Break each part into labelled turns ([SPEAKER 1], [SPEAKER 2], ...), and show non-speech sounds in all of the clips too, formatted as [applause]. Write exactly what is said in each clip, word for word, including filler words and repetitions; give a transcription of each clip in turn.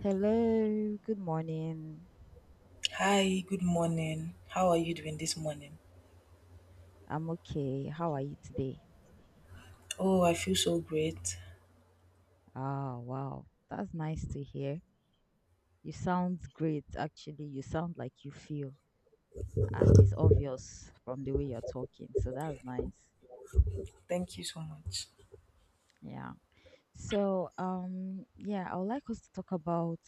[SPEAKER 1] Hello, good morning.
[SPEAKER 2] Hi, good morning. How are you doing this morning?
[SPEAKER 1] I'm okay. How are you today?
[SPEAKER 2] Oh, I feel so great.
[SPEAKER 1] Ah, wow. That's nice to hear. You sound great, actually. You sound like you feel, and it's obvious from the way you're talking. So that's nice.
[SPEAKER 2] Thank you so much.
[SPEAKER 1] Yeah. So, um, yeah, I would like us to talk about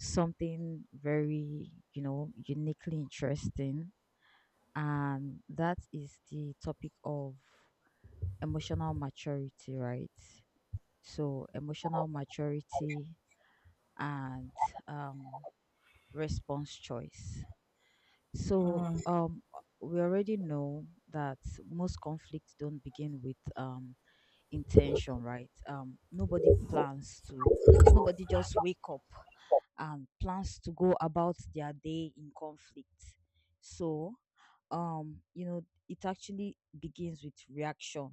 [SPEAKER 1] something very, you know, uniquely interesting, and that is the topic of emotional maturity, right? So, emotional maturity and um, response choice. So,
[SPEAKER 2] Mm,
[SPEAKER 1] um, we already know that most conflicts don't begin with um, intention, right? Um, nobody plans to, nobody just wake up and plans to go about their day in conflict. So, um you know it actually begins with reaction,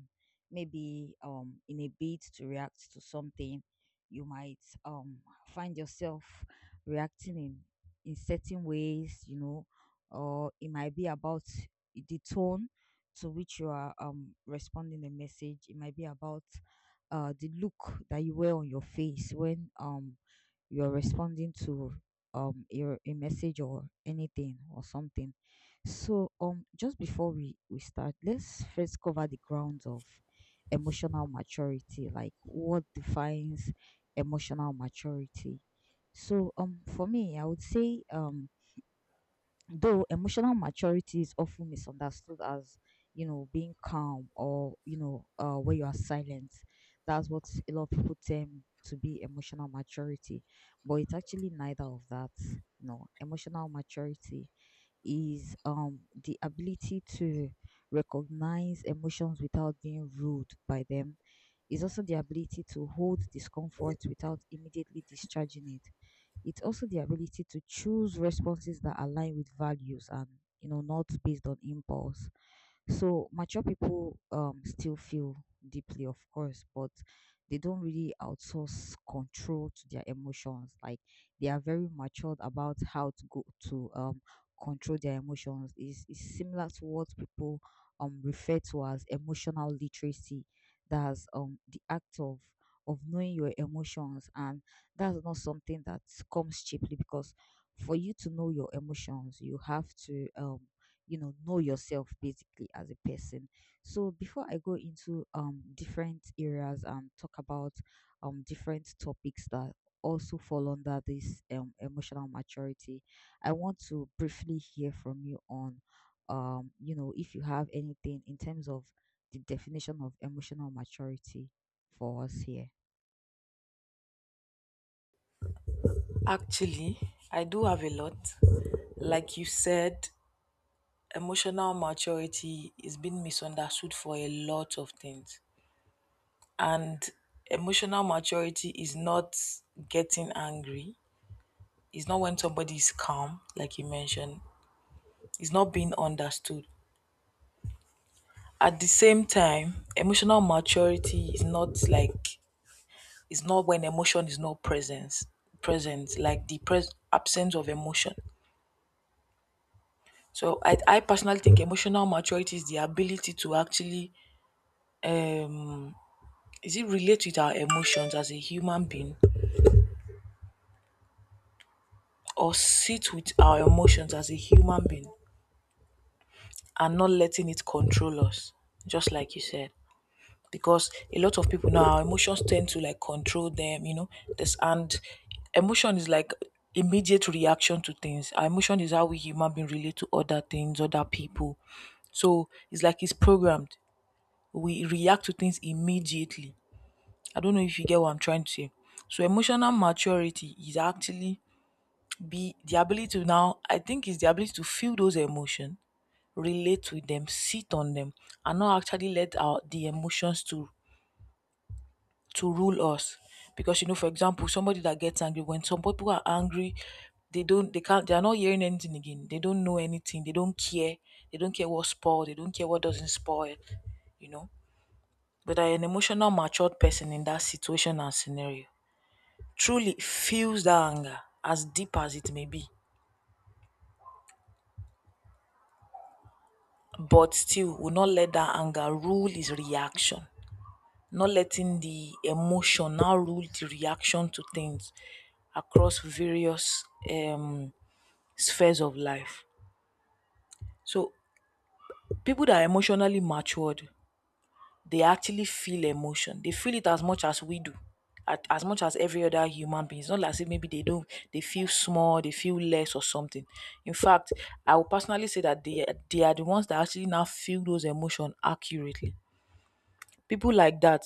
[SPEAKER 1] maybe um in a bid to react to something you might um find yourself reacting in in certain ways, you know, or it might be about the tone to which you are um responding the message. It might be about uh the look that you wear on your face when um you're responding to um a, a message or anything or something. So um just before we we start, let's first cover the grounds of emotional maturity, like what defines emotional maturity. So um for me, I would say um though emotional maturity is often misunderstood as, you know, being calm, or, you know, uh, where you are silent. That's what a lot of people term to be emotional maturity. But it's actually neither of that. You know, emotional maturity is um the ability to recognize emotions without being ruled by them. Is also the ability to hold discomfort without immediately discharging it. It's also the ability to choose responses that align with values and, you know, not based on impulse. So mature people um still feel deeply, of course, but they don't really outsource control to their emotions. Like, they are very matured about how to go to um control their emotions. Is is similar to what people um refer to as emotional literacy. That's um the act of of knowing your emotions, and that's not something that comes cheaply, because for you to know your emotions, you have to um you know know yourself, basically, as a person. So before I go into um different areas and talk about um different topics that also fall under this um, emotional maturity, I want to briefly hear from you on um you know, if you have anything in terms of the definition of emotional maturity for us here.
[SPEAKER 2] Actually, I do have a lot. Like you said, emotional maturity is being misunderstood for a lot of things. And emotional maturity is not getting angry, it's not when somebody is calm, like you mentioned, it's not being understood. At the same time, emotional maturity is not like, it's not when emotion is not presence present, like the pres- absence of emotion. So I, I personally think emotional maturity is the ability to actually, um is it relate with our emotions as a human being, or sit with our emotions as a human being and not letting it control us, just like you said. Because a lot of people now, our emotions tend to like control them, you know, this, and emotion is like immediate reaction to things. Our emotion is how we human being relate to other things, other people. So it's like it's programmed, we react to things immediately. I don't know if you get what I'm trying to say. So emotional maturity is actually be the ability to, now I think is the ability to feel those emotions, relate to them, sit on them, and not actually let our the emotions to to rule us. Because, you know, for example, somebody that gets angry, when some people are angry, they don't, they can't, they are not hearing anything again. They don't know anything, they don't care, they don't care what spoiled, they don't care what doesn't spoil, you know. But an emotional matured person in that situation and scenario truly feels that anger as deep as it may be, but still will not let that anger rule his reaction. Not letting the emotion now rule the reaction to things across various, um, spheres of life. So people that are emotionally matured, they actually feel emotion. They feel it as much as we do, at- as much as every other human being. It's not like say maybe they don't, they feel small, they feel less or something. In fact, I would personally say that they they are the ones that actually now feel those emotions accurately. People like that,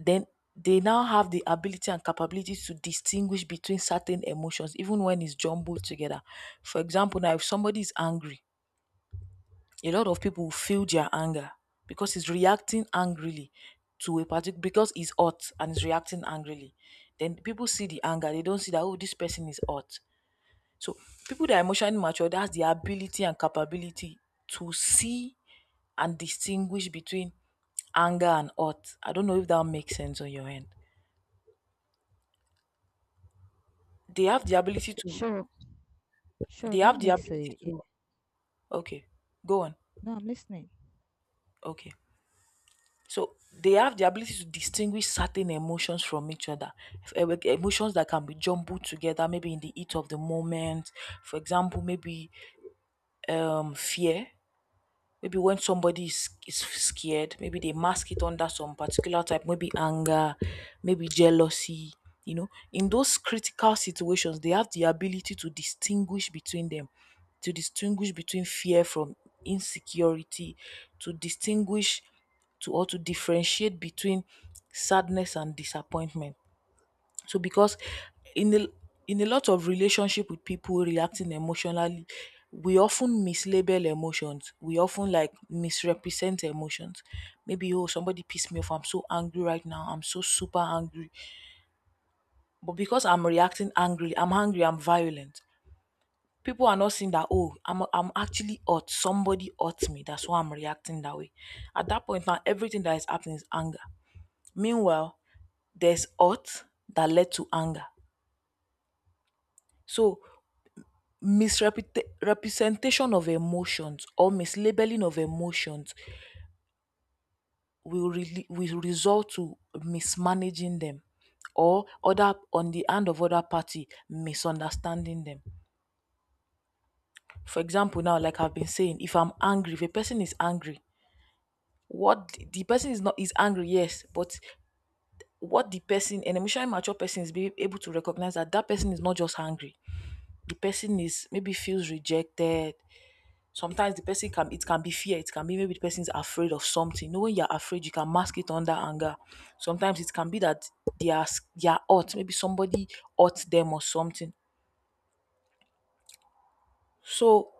[SPEAKER 2] then they now have the ability and capability to distinguish between certain emotions, even when it's jumbled together. For example, now if somebody is angry, a lot of people feel their anger because he's reacting angrily to a particular, because he's hot and he's reacting angrily. Then people see the anger, they don't see that, oh, this person is hot. So people that are emotionally mature, that's the ability and capability to see and distinguish between anger and hot. I don't know if that makes sense on your end. They have the ability to,
[SPEAKER 1] Sure. sure
[SPEAKER 2] they
[SPEAKER 1] that
[SPEAKER 2] have the
[SPEAKER 1] makes
[SPEAKER 2] ability
[SPEAKER 1] a, a
[SPEAKER 2] to, okay, go on.
[SPEAKER 1] No, I'm listening.
[SPEAKER 2] Okay. So they have the ability to distinguish certain emotions from each other. F- eh, Emotions that can be jumbled together, maybe in the heat of the moment. For example, maybe, um, fear, maybe when somebody is, is scared, maybe they mask it under some particular type, maybe anger, maybe jealousy, you know, in those critical situations they have the ability to distinguish between them, to distinguish between fear from insecurity, to distinguish, to, or to differentiate between sadness and disappointment. So, because in a in a lot of relationship with people reacting emotionally, we often mislabel emotions. We often like misrepresent emotions. Maybe oh, somebody pissed me off, I'm so angry right now, I'm so super angry. But because I'm reacting angry, I'm angry, I'm violent. People are not seeing that, oh, I'm I'm actually hurt, somebody hurt me, that's why I'm reacting that way. At that point now, everything that is happening is anger. Meanwhile, there's hurt that led to anger. So misrepresentation of emotions or mislabeling of emotions will, really, will result to mismanaging them, or other on the hand of other party misunderstanding them. For example, now, like I've been saying, if I'm angry, if a person is angry, what the the person is, not, is angry, yes, but what the person, an emotionally mature person is, being able to recognize that that person is not just angry, the person is maybe feels rejected. Sometimes the person can, it can be fear, it can be maybe the person is afraid of something. You know, when you're afraid, you can mask it under anger. Sometimes it can be that they are s- they are hurt, maybe somebody hurt them or something. So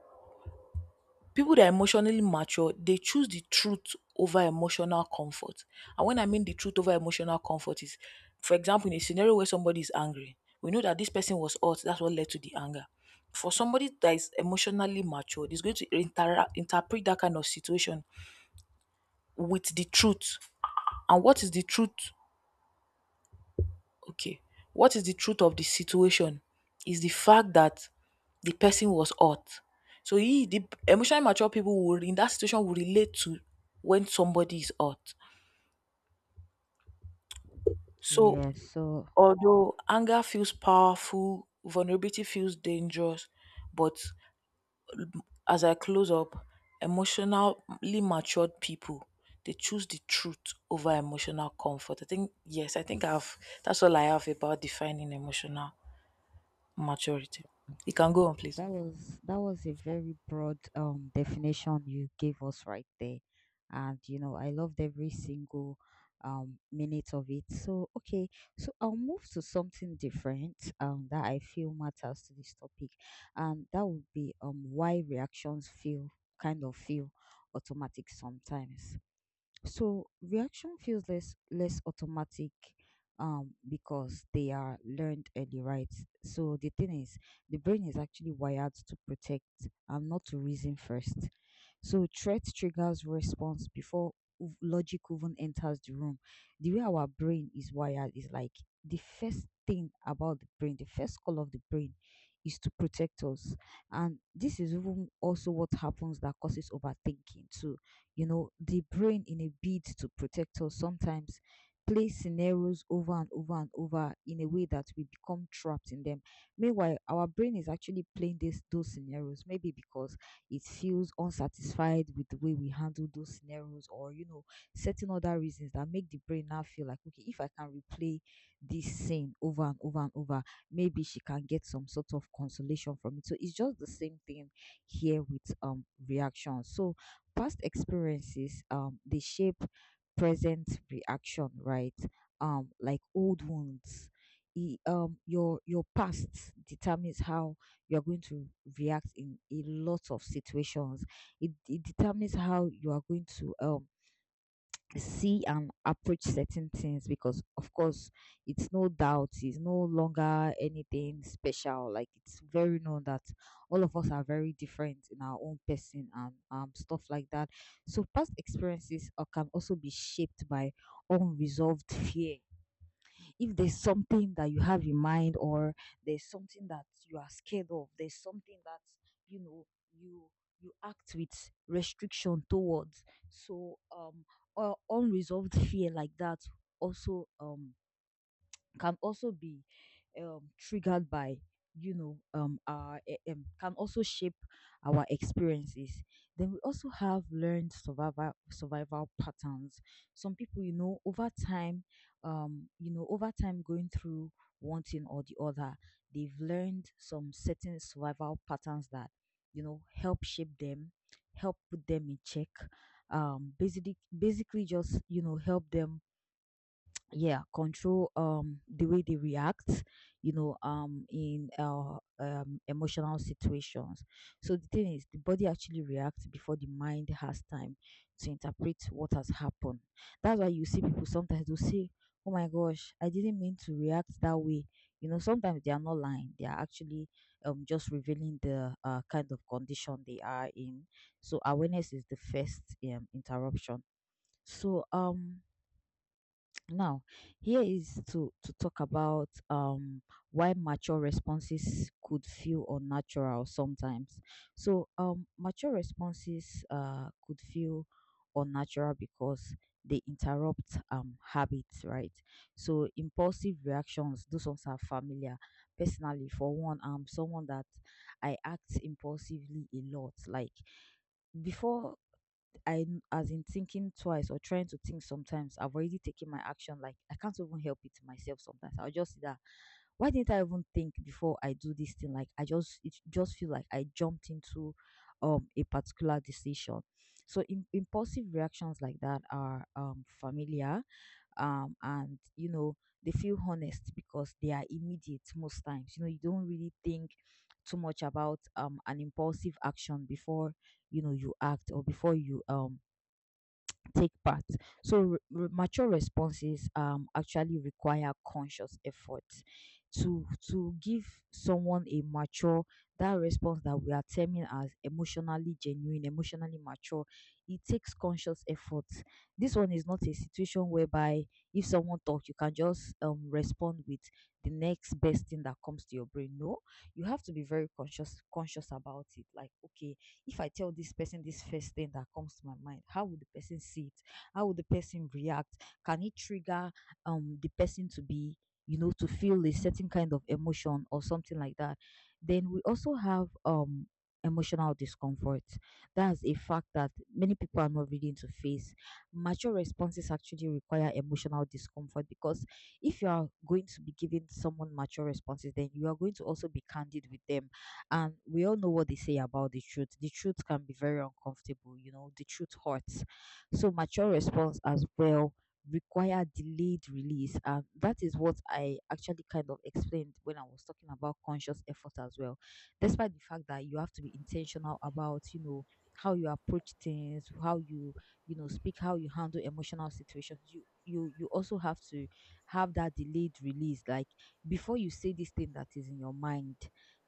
[SPEAKER 2] people that are emotionally mature, they choose the truth over emotional comfort. And when I mean the truth over emotional comfort is, for example, in a scenario where somebody is angry, we know that this person was hurt, that's what led to the anger. For somebody that is emotionally mature, is going to inter- interpret that kind of situation with the truth. And what is the truth? Okay, what is the truth of the situation is the fact that the person was hurt. So he, the emotionally mature people will, in that situation will relate to when somebody is hurt. So,
[SPEAKER 1] Yeah, so
[SPEAKER 2] although anger feels powerful, vulnerability feels dangerous, but as I close up, emotionally matured people, they choose the truth over emotional comfort. I think yes, I think I've that's all I have about defining emotional maturity. You can go on, please.
[SPEAKER 1] that was that was a very broad um definition you gave us right there. And you know, I loved every single um minute of it. So okay, so I'll move to something different um that I feel matters to this topic. And that would be um why reactions feel kind of feel automatic sometimes. So reaction feels less less automatic um because they are learned early, right? So the thing is, the brain is actually wired to protect and not to reason first. So threat triggers response before ov- logic even enters the room. The way our brain is wired is like, the first thing about the brain, the first call of the brain is to protect us. And this is even also what happens that causes overthinking too. You know, the brain, in a bid to protect us, sometimes plays scenarios over and over and over in a way that we become trapped in them. Meanwhile, our brain is actually playing this those scenarios, maybe because it feels unsatisfied with the way we handle those scenarios, or you know, certain other reasons that make the brain now feel like, okay, if I can replay this scene over and over and over, maybe she can get some sort of consolation from it. So it's just the same thing here with um reactions. So past experiences um they shape present reaction, right? Um like old wounds, e, um your your past determines how you're going to react in a lot of situations. It, it determines how you are going to um see and approach certain things, because of course, it's no doubt, it's no longer anything special, like it's very known that all of us are very different in our own person and um stuff like that. So past experiences uh, can also be shaped by unresolved fear. If there's something that you have in mind, or there's something that you are scared of, there's something that you know, you you act with restriction towards. So um or unresolved fear like that also um can also be um, triggered by you know, um our eh, um, can also shape our experiences. Then we also have learned survival survival patterns. Some people, you know, over time, um you know, over time, going through one thing or the other, they've learned some certain survival patterns that, you know, help shape them, help put them in check, um basically basically just, you know, help them yeah control um the way they react, you know, um in uh, um emotional situations. So the thing is, the body actually reacts before the mind has time to interpret what has happened. That's why you see people sometimes will say, oh my gosh, I didn't mean to react that way. You know, sometimes they are not lying, they are actually um just revealing the uh, kind of condition they are in. So awareness is the first um interruption. So um now, here is to to talk about um why mature responses could feel unnatural sometimes. So, um mature responses uh could feel unnatural because they interrupt um habits, right? So, impulsive reactions, those ones are familiar. Personally, for one, I'm someone that I act impulsively a lot. Like before I, as in thinking twice or trying to think sometimes, I've already taken my action. Like, I can't even help it myself sometimes. I'll just see that, why didn't I even think before I do this thing? Like, I just, it just feel like I jumped into um a particular decision. So im impulsive reactions like that are um familiar, um and you know, they feel honest because they are immediate most times. You know, you don't really think too much about um an impulsive action before, you know, you act, or before you um take part. So re- re- mature responses um actually require conscious effort to to give someone a mature, that response that we are terming as emotionally genuine, emotionally mature. It takes conscious effort. This one is not a situation whereby if someone talks, you can just um respond with the next best thing that comes to your brain. No, you have to be very conscious conscious about it. Like, okay, if I tell this person this first thing that comes to my mind, how would the person see it? How would the person react? Can it trigger um the person to be, you know, to feel a certain kind of emotion or something like that? Then we also have um emotional discomfort. That's a fact that many people are not willing to face. Mature responses actually require emotional discomfort, because if you are going to be giving someone mature responses, then you are going to also be candid with them. And we all know what they say about the truth. The truth can be very uncomfortable. You know, the truth hurts. So mature response as well require delayed release. And that is what I actually kind of explained when I was talking about conscious effort as well. Despite the fact that you have to be intentional about, you know, how you approach things, how you, you know, speak, how you handle emotional situations, you you you also have to have that delayed release. Like, before you say this thing that is in your mind,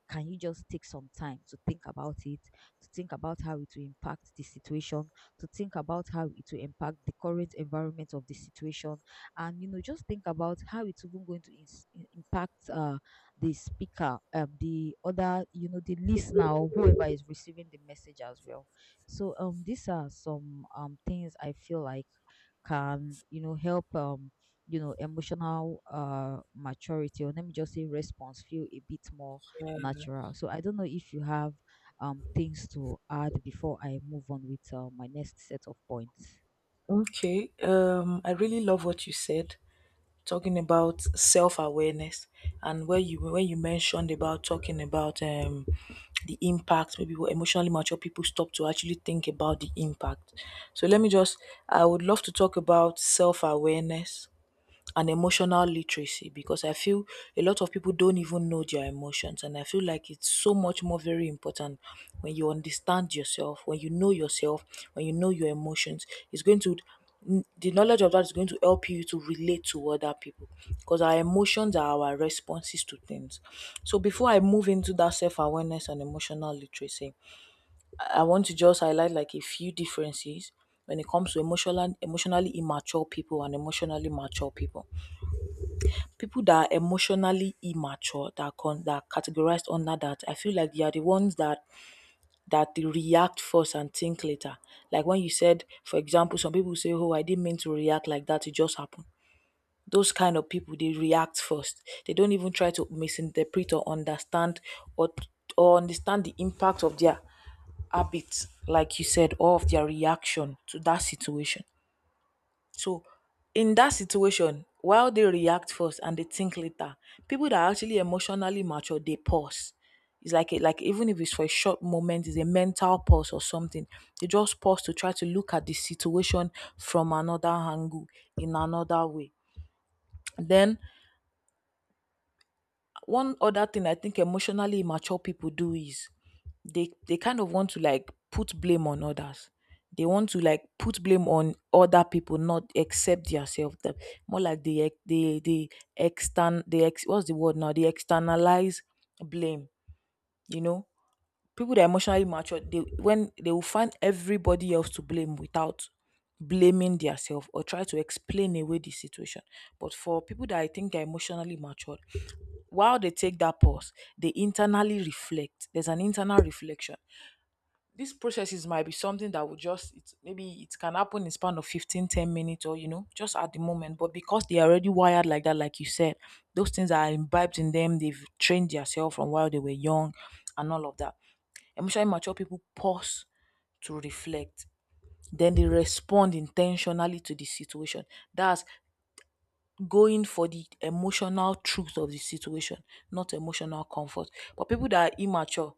[SPEAKER 1] can you just take some time to think about it, to think about how it will impact the situation, to think about how it will impact the current environment of the situation, and you know, just think about how it's even going to ins- i- impact uh, the speaker, um, the other, you know, the listener or whoever is receiving the message as well. So, um, these are some um things I feel like can, you know, help um you know, emotional uh maturity, or let me just say response, feel a bit more
[SPEAKER 2] Yeah.
[SPEAKER 1] natural. So I don't know if you have um things to add before I move on with uh, my next set of points.
[SPEAKER 2] Okay. Um, I really love what you said, talking about self-awareness, and where you, when you mentioned about talking about, um the impact, maybe what emotionally mature people stop to actually think about the impact. So let me just, I would love to talk about self-awareness and emotional literacy, because I feel a lot of people don't even know their emotions. And I feel like it's so much more very important when you understand yourself, when you know yourself, when you know your emotions. It's going to, the knowledge of that is going to help you to relate to other people, because our emotions are our responses to things. So before I move into that self awareness and emotional literacy, I I want to just highlight like a few differences when it comes to emotional, emotionally immature people and emotionally mature people. People that are emotionally immature, that are con- that are categorized under that, I feel like they are the ones that, that they react first and think later. Like when you said, for example, some people say oh, I didn't mean to react like that, it just happened. Those kind of people, they react first, they don't even try to misinterpret or understand, or or understand the impact of their habits, like you said, or of their reaction to that situation. So in that situation, while they react first and they think later, people that are actually emotionally mature, they pause. It's like a, like even if it's for a short moment, it's a mental pause or something. They just pause to try to look at the situation from another angle, in another way. Then one other thing I think emotionally immature people do is, they they kind of want to like put blame on others. They want to like put blame on other people, not accept yourself. That, more like they ex- they they extern they ex, what's the word now? They externalize blame. You know, people that are emotionally mature, they, when they will find everybody else to blame without blaming themselves, or try to explain away the situation. But for people that I think are emotionally matured, while they take that pause, they internally reflect, there's an internal reflection. These processes might be something that would just it, maybe it can happen in span of fifteen, ten minutes, or you know, just at the moment, but because they are already wired like that, like you said, those things are imbibed in them, they've trained themselves from while they were young, and all of that. Emotionally mature people pause to reflect. Then they respond intentionally to the situation. That's going for the emotional truth of the situation, not emotional comfort. But people that are immature,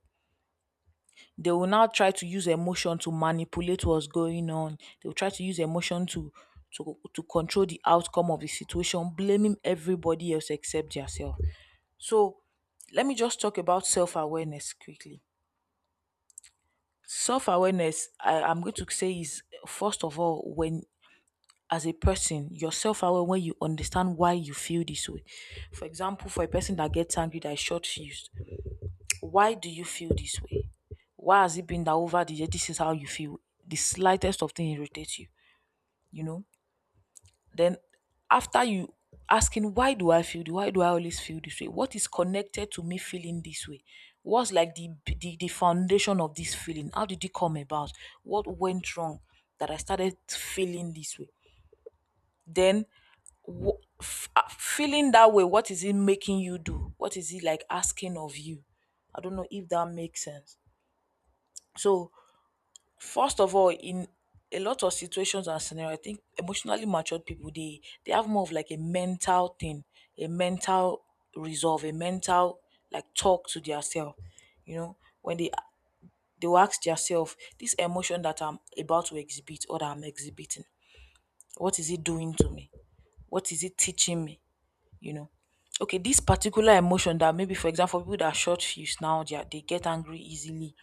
[SPEAKER 2] they will now try to use emotion to manipulate what's going on. They will try to use emotion to to, to control the outcome of the situation, blaming everybody else except yourself. So let me just talk about self awareness quickly. Self awareness, I am going to say, is first of all, when, as a person, you're self aware when you understand why you feel this way. For example, for a person that gets angry, that is short fused, why do you feel this way? Why has it been that over the year, this is how you feel? The slightest of thing irritates you, you know? Then after you asking, why do I feel the why do I always feel this way? What is connected to me feeling this way? What's like the, the the foundation of this feeling? How did it come about? What went wrong that I started feeling this way? Then wh- f- uh, feeling that way, what is it making you do? What is it like asking of you? I don't know if that makes sense. So First of all, in a lot of situations and scenario, I think emotionally matured people they they have more of like a mental thing, a mental resolve, a mental like talk to themselves. You know, when they they will ask themselves, this emotion that I'm about to exhibit or that I'm exhibiting, what is it doing to me? What is it teaching me? You know. Okay, this particular emotion that maybe for example people that are short fused now they, are, they get angry easily,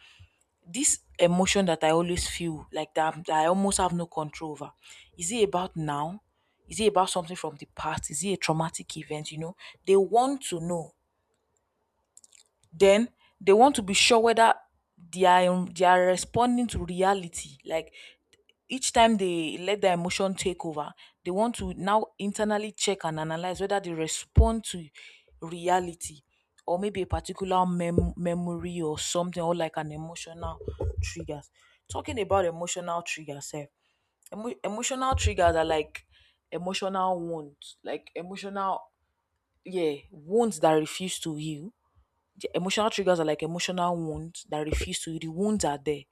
[SPEAKER 2] this emotion that I always feel like that, I'm- that I almost have no control over. Is it about now? Is it about something from the past? Is it a traumatic event? You know, they want to know, then they want to be sure whether they are um, they are responding to reality. Like each time they let their emotion take over, they want to now internally check and analyze whether they respond to reality or maybe a particular mem- memory or something or like an emotional triggers. Talking about emotional triggers, sef, emo- emotional triggers are like emotional wounds, like emotional, yeah, wounds that refuse to heal. The emotional triggers are like emotional wounds that refuse to, the wounds are there.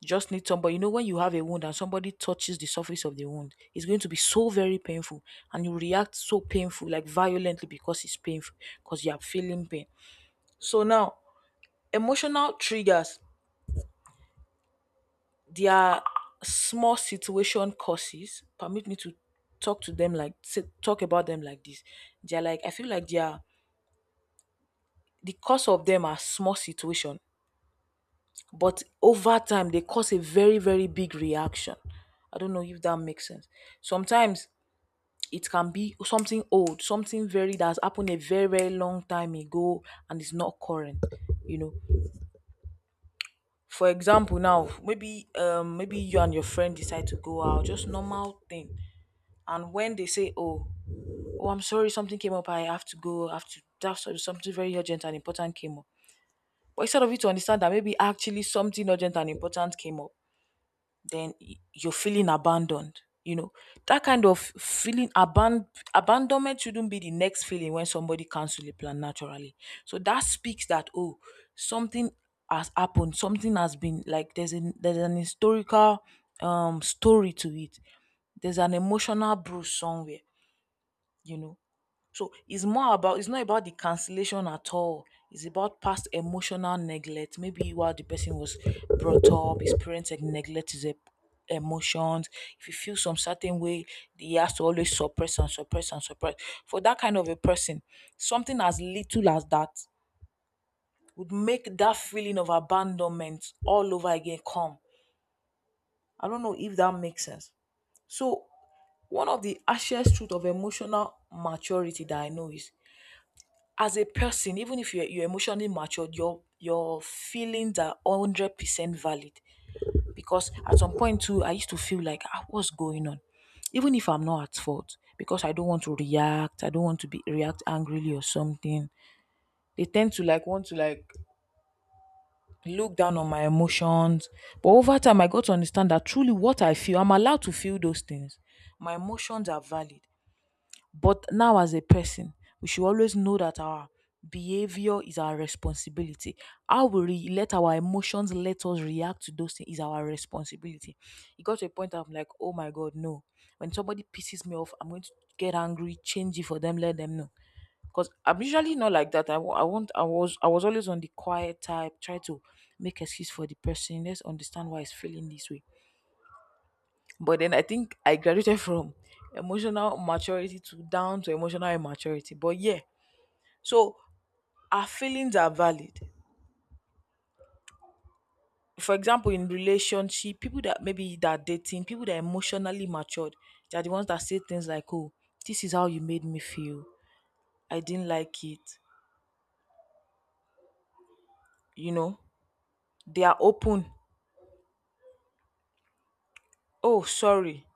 [SPEAKER 2] You just need somebody, you know, when you have a wound and somebody touches the surface of the wound, it's going to be so very painful, and you react so painful, like violently, because it's painful, because you are feeling pain. So now emotional triggers, they are small situation causes, permit me to talk to them like say- talk about them like this. They're like, I feel like they are, the cause of them are small situation, but over time they cause a very very big reaction. I don't know if that makes sense. Sometimes it can be something old, something very that has happened a very very long time ago and is not current, you know. For example now maybe um maybe you and your friend decide to go out, just normal thing, and when they say, oh, oh I'm sorry, something came up, I have to go, I have to, that's something very urgent and important came up. But instead of you to understand that maybe actually something urgent and important came up, then y- you're feeling abandoned, you know, that kind of feeling, aban- abandonment shouldn't be the next feeling when somebody cancels a plan naturally. So that speaks that, oh, something has happened, something has been like, there's an, there's an historical um story to it, there's an emotional bruise somewhere, you know. So it's more about, it's not about the cancellation at all, it's about past emotional neglect. Maybe while the person was brought up, his parents had neglected his e- emotions. If you feel some certain way, he has to always suppress and suppress and suppress. For that kind of a person, something as little as that would make that feeling of abandonment all over again come. I don't know if that makes sense. So one of the harshest truth of emotional maturity that I know is, as a person, even if you're, you're emotionally matured, your your feelings are hundred percent valid. Because at some point too, I used to feel like, ah, what's going on, even if I'm not at fault, because I don't want to react. I don't want to be react angrily or something. They tend to like want to like look down on my emotions. But over time, I got to understand that truly what I feel, I'm allowed to feel those things. My emotions are valid. But now, as a person, we should always know that our behavior is our responsibility. How we re- let our emotions let us react to those things is our responsibility. It got to a point I'm like, oh my God, no. When somebody pisses me off, I'm going to get angry, change it for them, let them know. Because I'm usually not like that. I, wa- I want I was I was always on the quiet type, try to make excuse for the person. Let's understand why he's feeling this way. But then I think I graduated [laughs] from emotional maturity to down to emotional immaturity. But yeah, so our feelings are valid. For example, in relationship, people that maybe that are dating, people that are emotionally matured, they are the ones that say things like, "Oh, this is how you made me feel. I didn't like it." You know, they are open. Oh, sorry.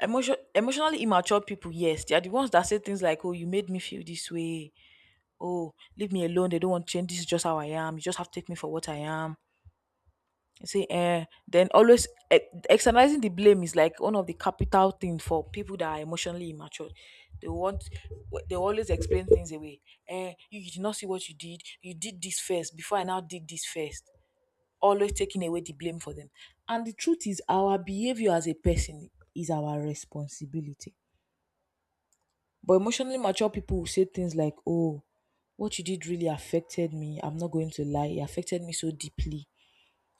[SPEAKER 2] Emotion, emotionally immature people, yes, they are the ones that say things like, "Oh, you made me feel this way. Oh, leave me alone. They don't want change. This is just how I am. You just have to take me for what I am." You see, eh, then always, eh, externalizing the blame is like one of the capital things for people that are emotionally immature. They want, they always explain things away. Eh, you, you did not see what you did. You did this first before I now did this first. Always taking away the blame for them. And the truth is, our behavior as a person is our responsibility, but emotionally mature people will say things like, oh, what you did really affected me. I'm not going to lie. It affected me so deeply.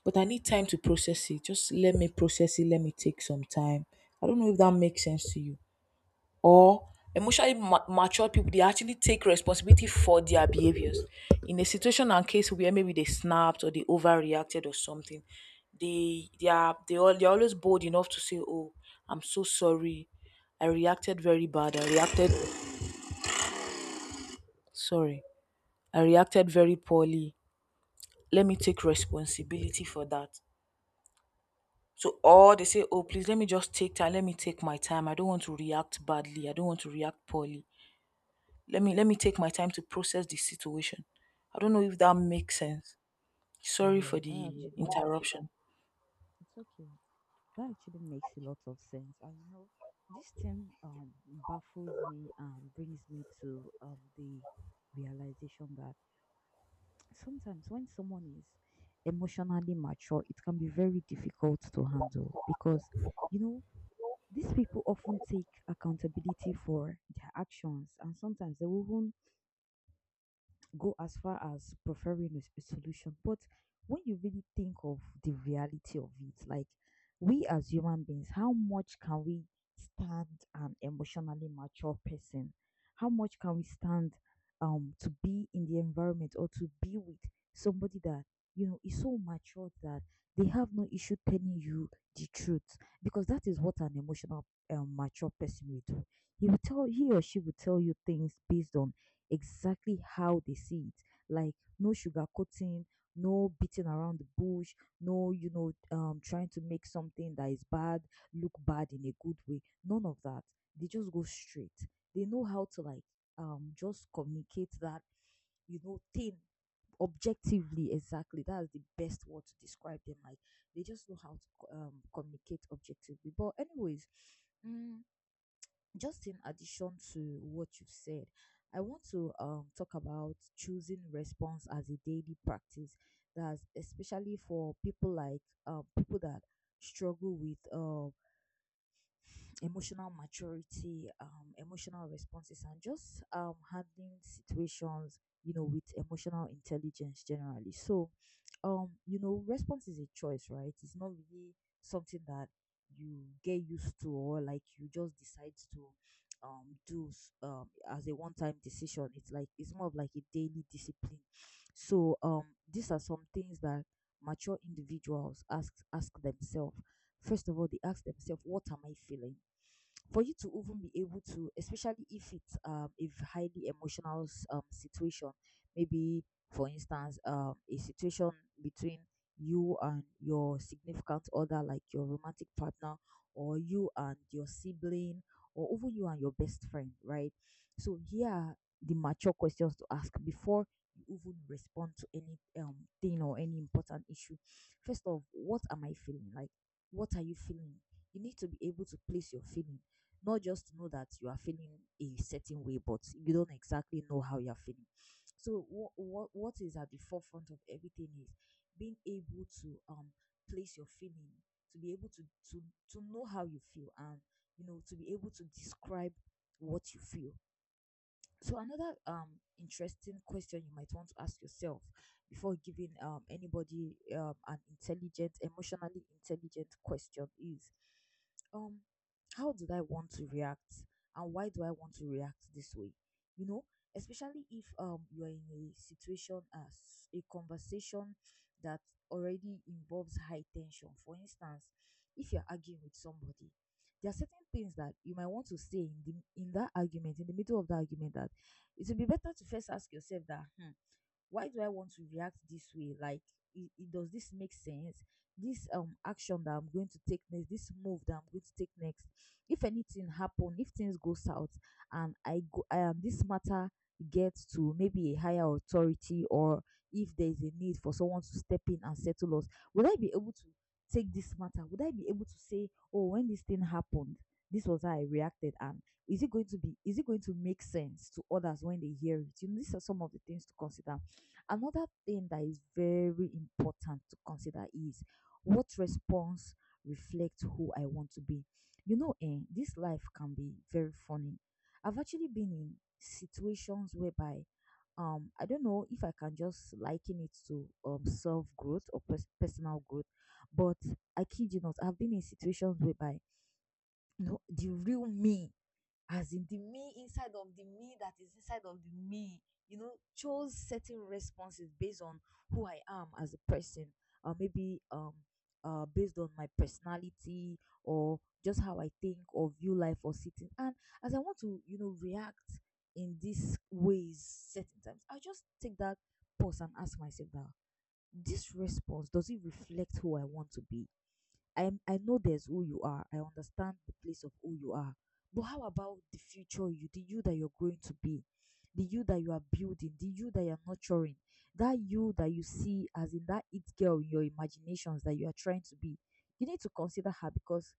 [SPEAKER 2] But I need time to process it. Just let me process it. Let me take some time. I don't know if that makes sense to you. Or emotionally ma- mature people, they actually take responsibility for their behaviors. In a situation and case where maybe they snapped or they overreacted or something, they they are they all they're always bold enough to say, oh, I'm so sorry. I reacted very bad. I reacted sorry. I reacted very poorly. Let me take responsibility for that. So or they say, oh, please let me just take time, let me take my time. I don't want to react badly. I don't want to react poorly. Let me let me take my time to process the situation. I don't know if that makes sense. Sorry for
[SPEAKER 1] Yeah, that
[SPEAKER 2] the
[SPEAKER 1] actually,
[SPEAKER 2] interruption.
[SPEAKER 1] it's okay. That actually makes a lot of sense. And you know, this thing um baffles me and brings me to um the realization that sometimes when someone is emotionally mature, it can be very difficult to handle because, you know, these people often take accountability for their actions, and sometimes they will go as far as preferring a, s- a solution. But when you really think of the reality of it, like we as human beings, how much can we stand an emotionally mature person? How much can we stand um to be in the environment or to be with somebody that you know is so mature that they have no issue telling you the truth, because that is what an emotional um, mature person will do. He will tell he or she will tell you things based on exactly how they see it. Like no sugarcoating, no beating around the bush, no you know um trying to make something that is bad look bad in a good way. None of that. They just go straight. They know how to, like, um just communicate that you know thing objectively. Exactly, that's the best word to describe them. Like, they just know how to co- um, communicate objectively. But anyways, mm, just in addition to what you've said, I want to um, talk about choosing response as a daily practice. That's especially for people like uh, people that struggle with uh, emotional maturity, um, emotional responses, and just um, handling situations, you know, with emotional intelligence generally. So, um, you know, response is a choice, right? It's not really something that you get used to, or like you just decide to um do s- um as a one time decision. It's like it's more of like a daily discipline. So um these are some things that mature individuals ask ask themselves. First of all, they ask themselves, what am I feeling? For you to even be able to, especially if it's um, a v- highly emotional s- um, situation, maybe, for instance, um, a situation between you and your significant other, like your romantic partner, or you and your sibling, or even you and your best friend, right? So here are the mature questions to ask before you even respond to any um thing or any important issue. First of, what am I feeling? Like, what are you feeling? You need to be able to place your feelings, not just know that you are feeling a certain way, but you don't exactly know how you are feeling. So what what, what is at the forefront of everything is being able to um place your feeling, to be able to to to know how you feel, and you know, to be able to describe what you feel. So another um interesting question you might want to ask yourself before giving um anybody um an intelligent, emotionally intelligent question is um how did I want to react, and why do I want to react this way? You know, especially if um you are in a situation as a conversation that already involves high tension. For instance, if you're arguing with somebody, there are certain things that you might want to say in the in that argument, in the middle of the argument, that it would be better to first ask yourself that, hmm, why do I want to react this way? Like, it, it, does this make sense? This um action that I'm going to take next, this move that I'm going to take next. If anything happen, if things go south, and I go, um, this matter gets to maybe a higher authority, or if there is a need for someone to step in and settle us, would I be able to take this matter? Would I be able to say, oh, when this thing happened, this was how I reacted, and is it going to be? Is it going to make sense to others when they hear it? You know, these are some of the things to consider. Another thing that is very important to consider is what response reflects who I want to be. You know, eh, this life can be very funny. I've actually been in situations whereby um I don't know if I can just liken it to um self growth or pers- personal growth, but I kid you not, I've been in situations whereby, you know, the real me, as in the me inside of the me that is inside of the me, you know, chose certain responses based on who I am as a person, or maybe um uh based on my personality or just how I think or view life or sitting, and as I want to, you know, react in these ways, certain times I just take that pause and ask myself that this response, does it reflect who I want to be? I I know there's who you are. I understand the place of who you are. But how about the future you, the you that you're going to be, the you that you are building, the you that you're nurturing, that you that you see as in that it girl in your imaginations that you are trying to be. You need to consider her because,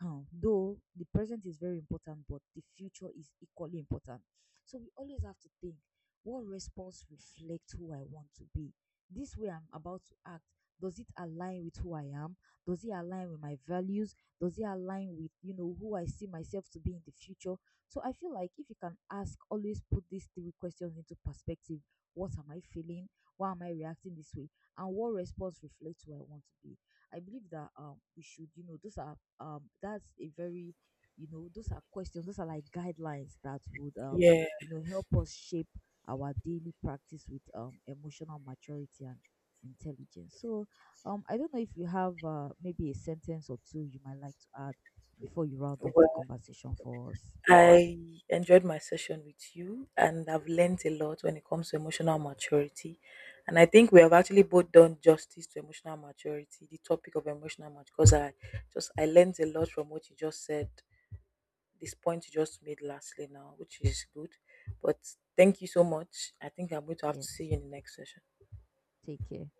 [SPEAKER 1] um, though the present is very important, but the future is equally important. So we always have to think, what response reflects who I want to be? This way I'm about to act, does it align with who I am? Does it align with my values? Does it align with, you know, who I see myself to be in the future? So I feel like if you can ask, always put these three questions into perspective. What am I feeling? Why am I reacting this way? And what response reflects who I want to be? I believe that um we should, you know, those are um that's a very, you know, those are questions, those are like guidelines that would, um,
[SPEAKER 2] Yeah.
[SPEAKER 1] you know, help us shape our daily practice with um emotional maturity and intelligence. So um, I don't know if you have uh, maybe a sentence or two you might like to add before you round off the conversation for us.
[SPEAKER 2] I enjoyed my session with you, and I've learned a lot when it comes to emotional maturity. And I think we have actually both done justice to emotional maturity, the topic of emotional maturity, because I just I learned a lot from what you just said, this point you just made lastly now, which is good. But thank you so much. I think I'm going to have to see
[SPEAKER 1] Yes,
[SPEAKER 2] you in the next session.
[SPEAKER 1] take care.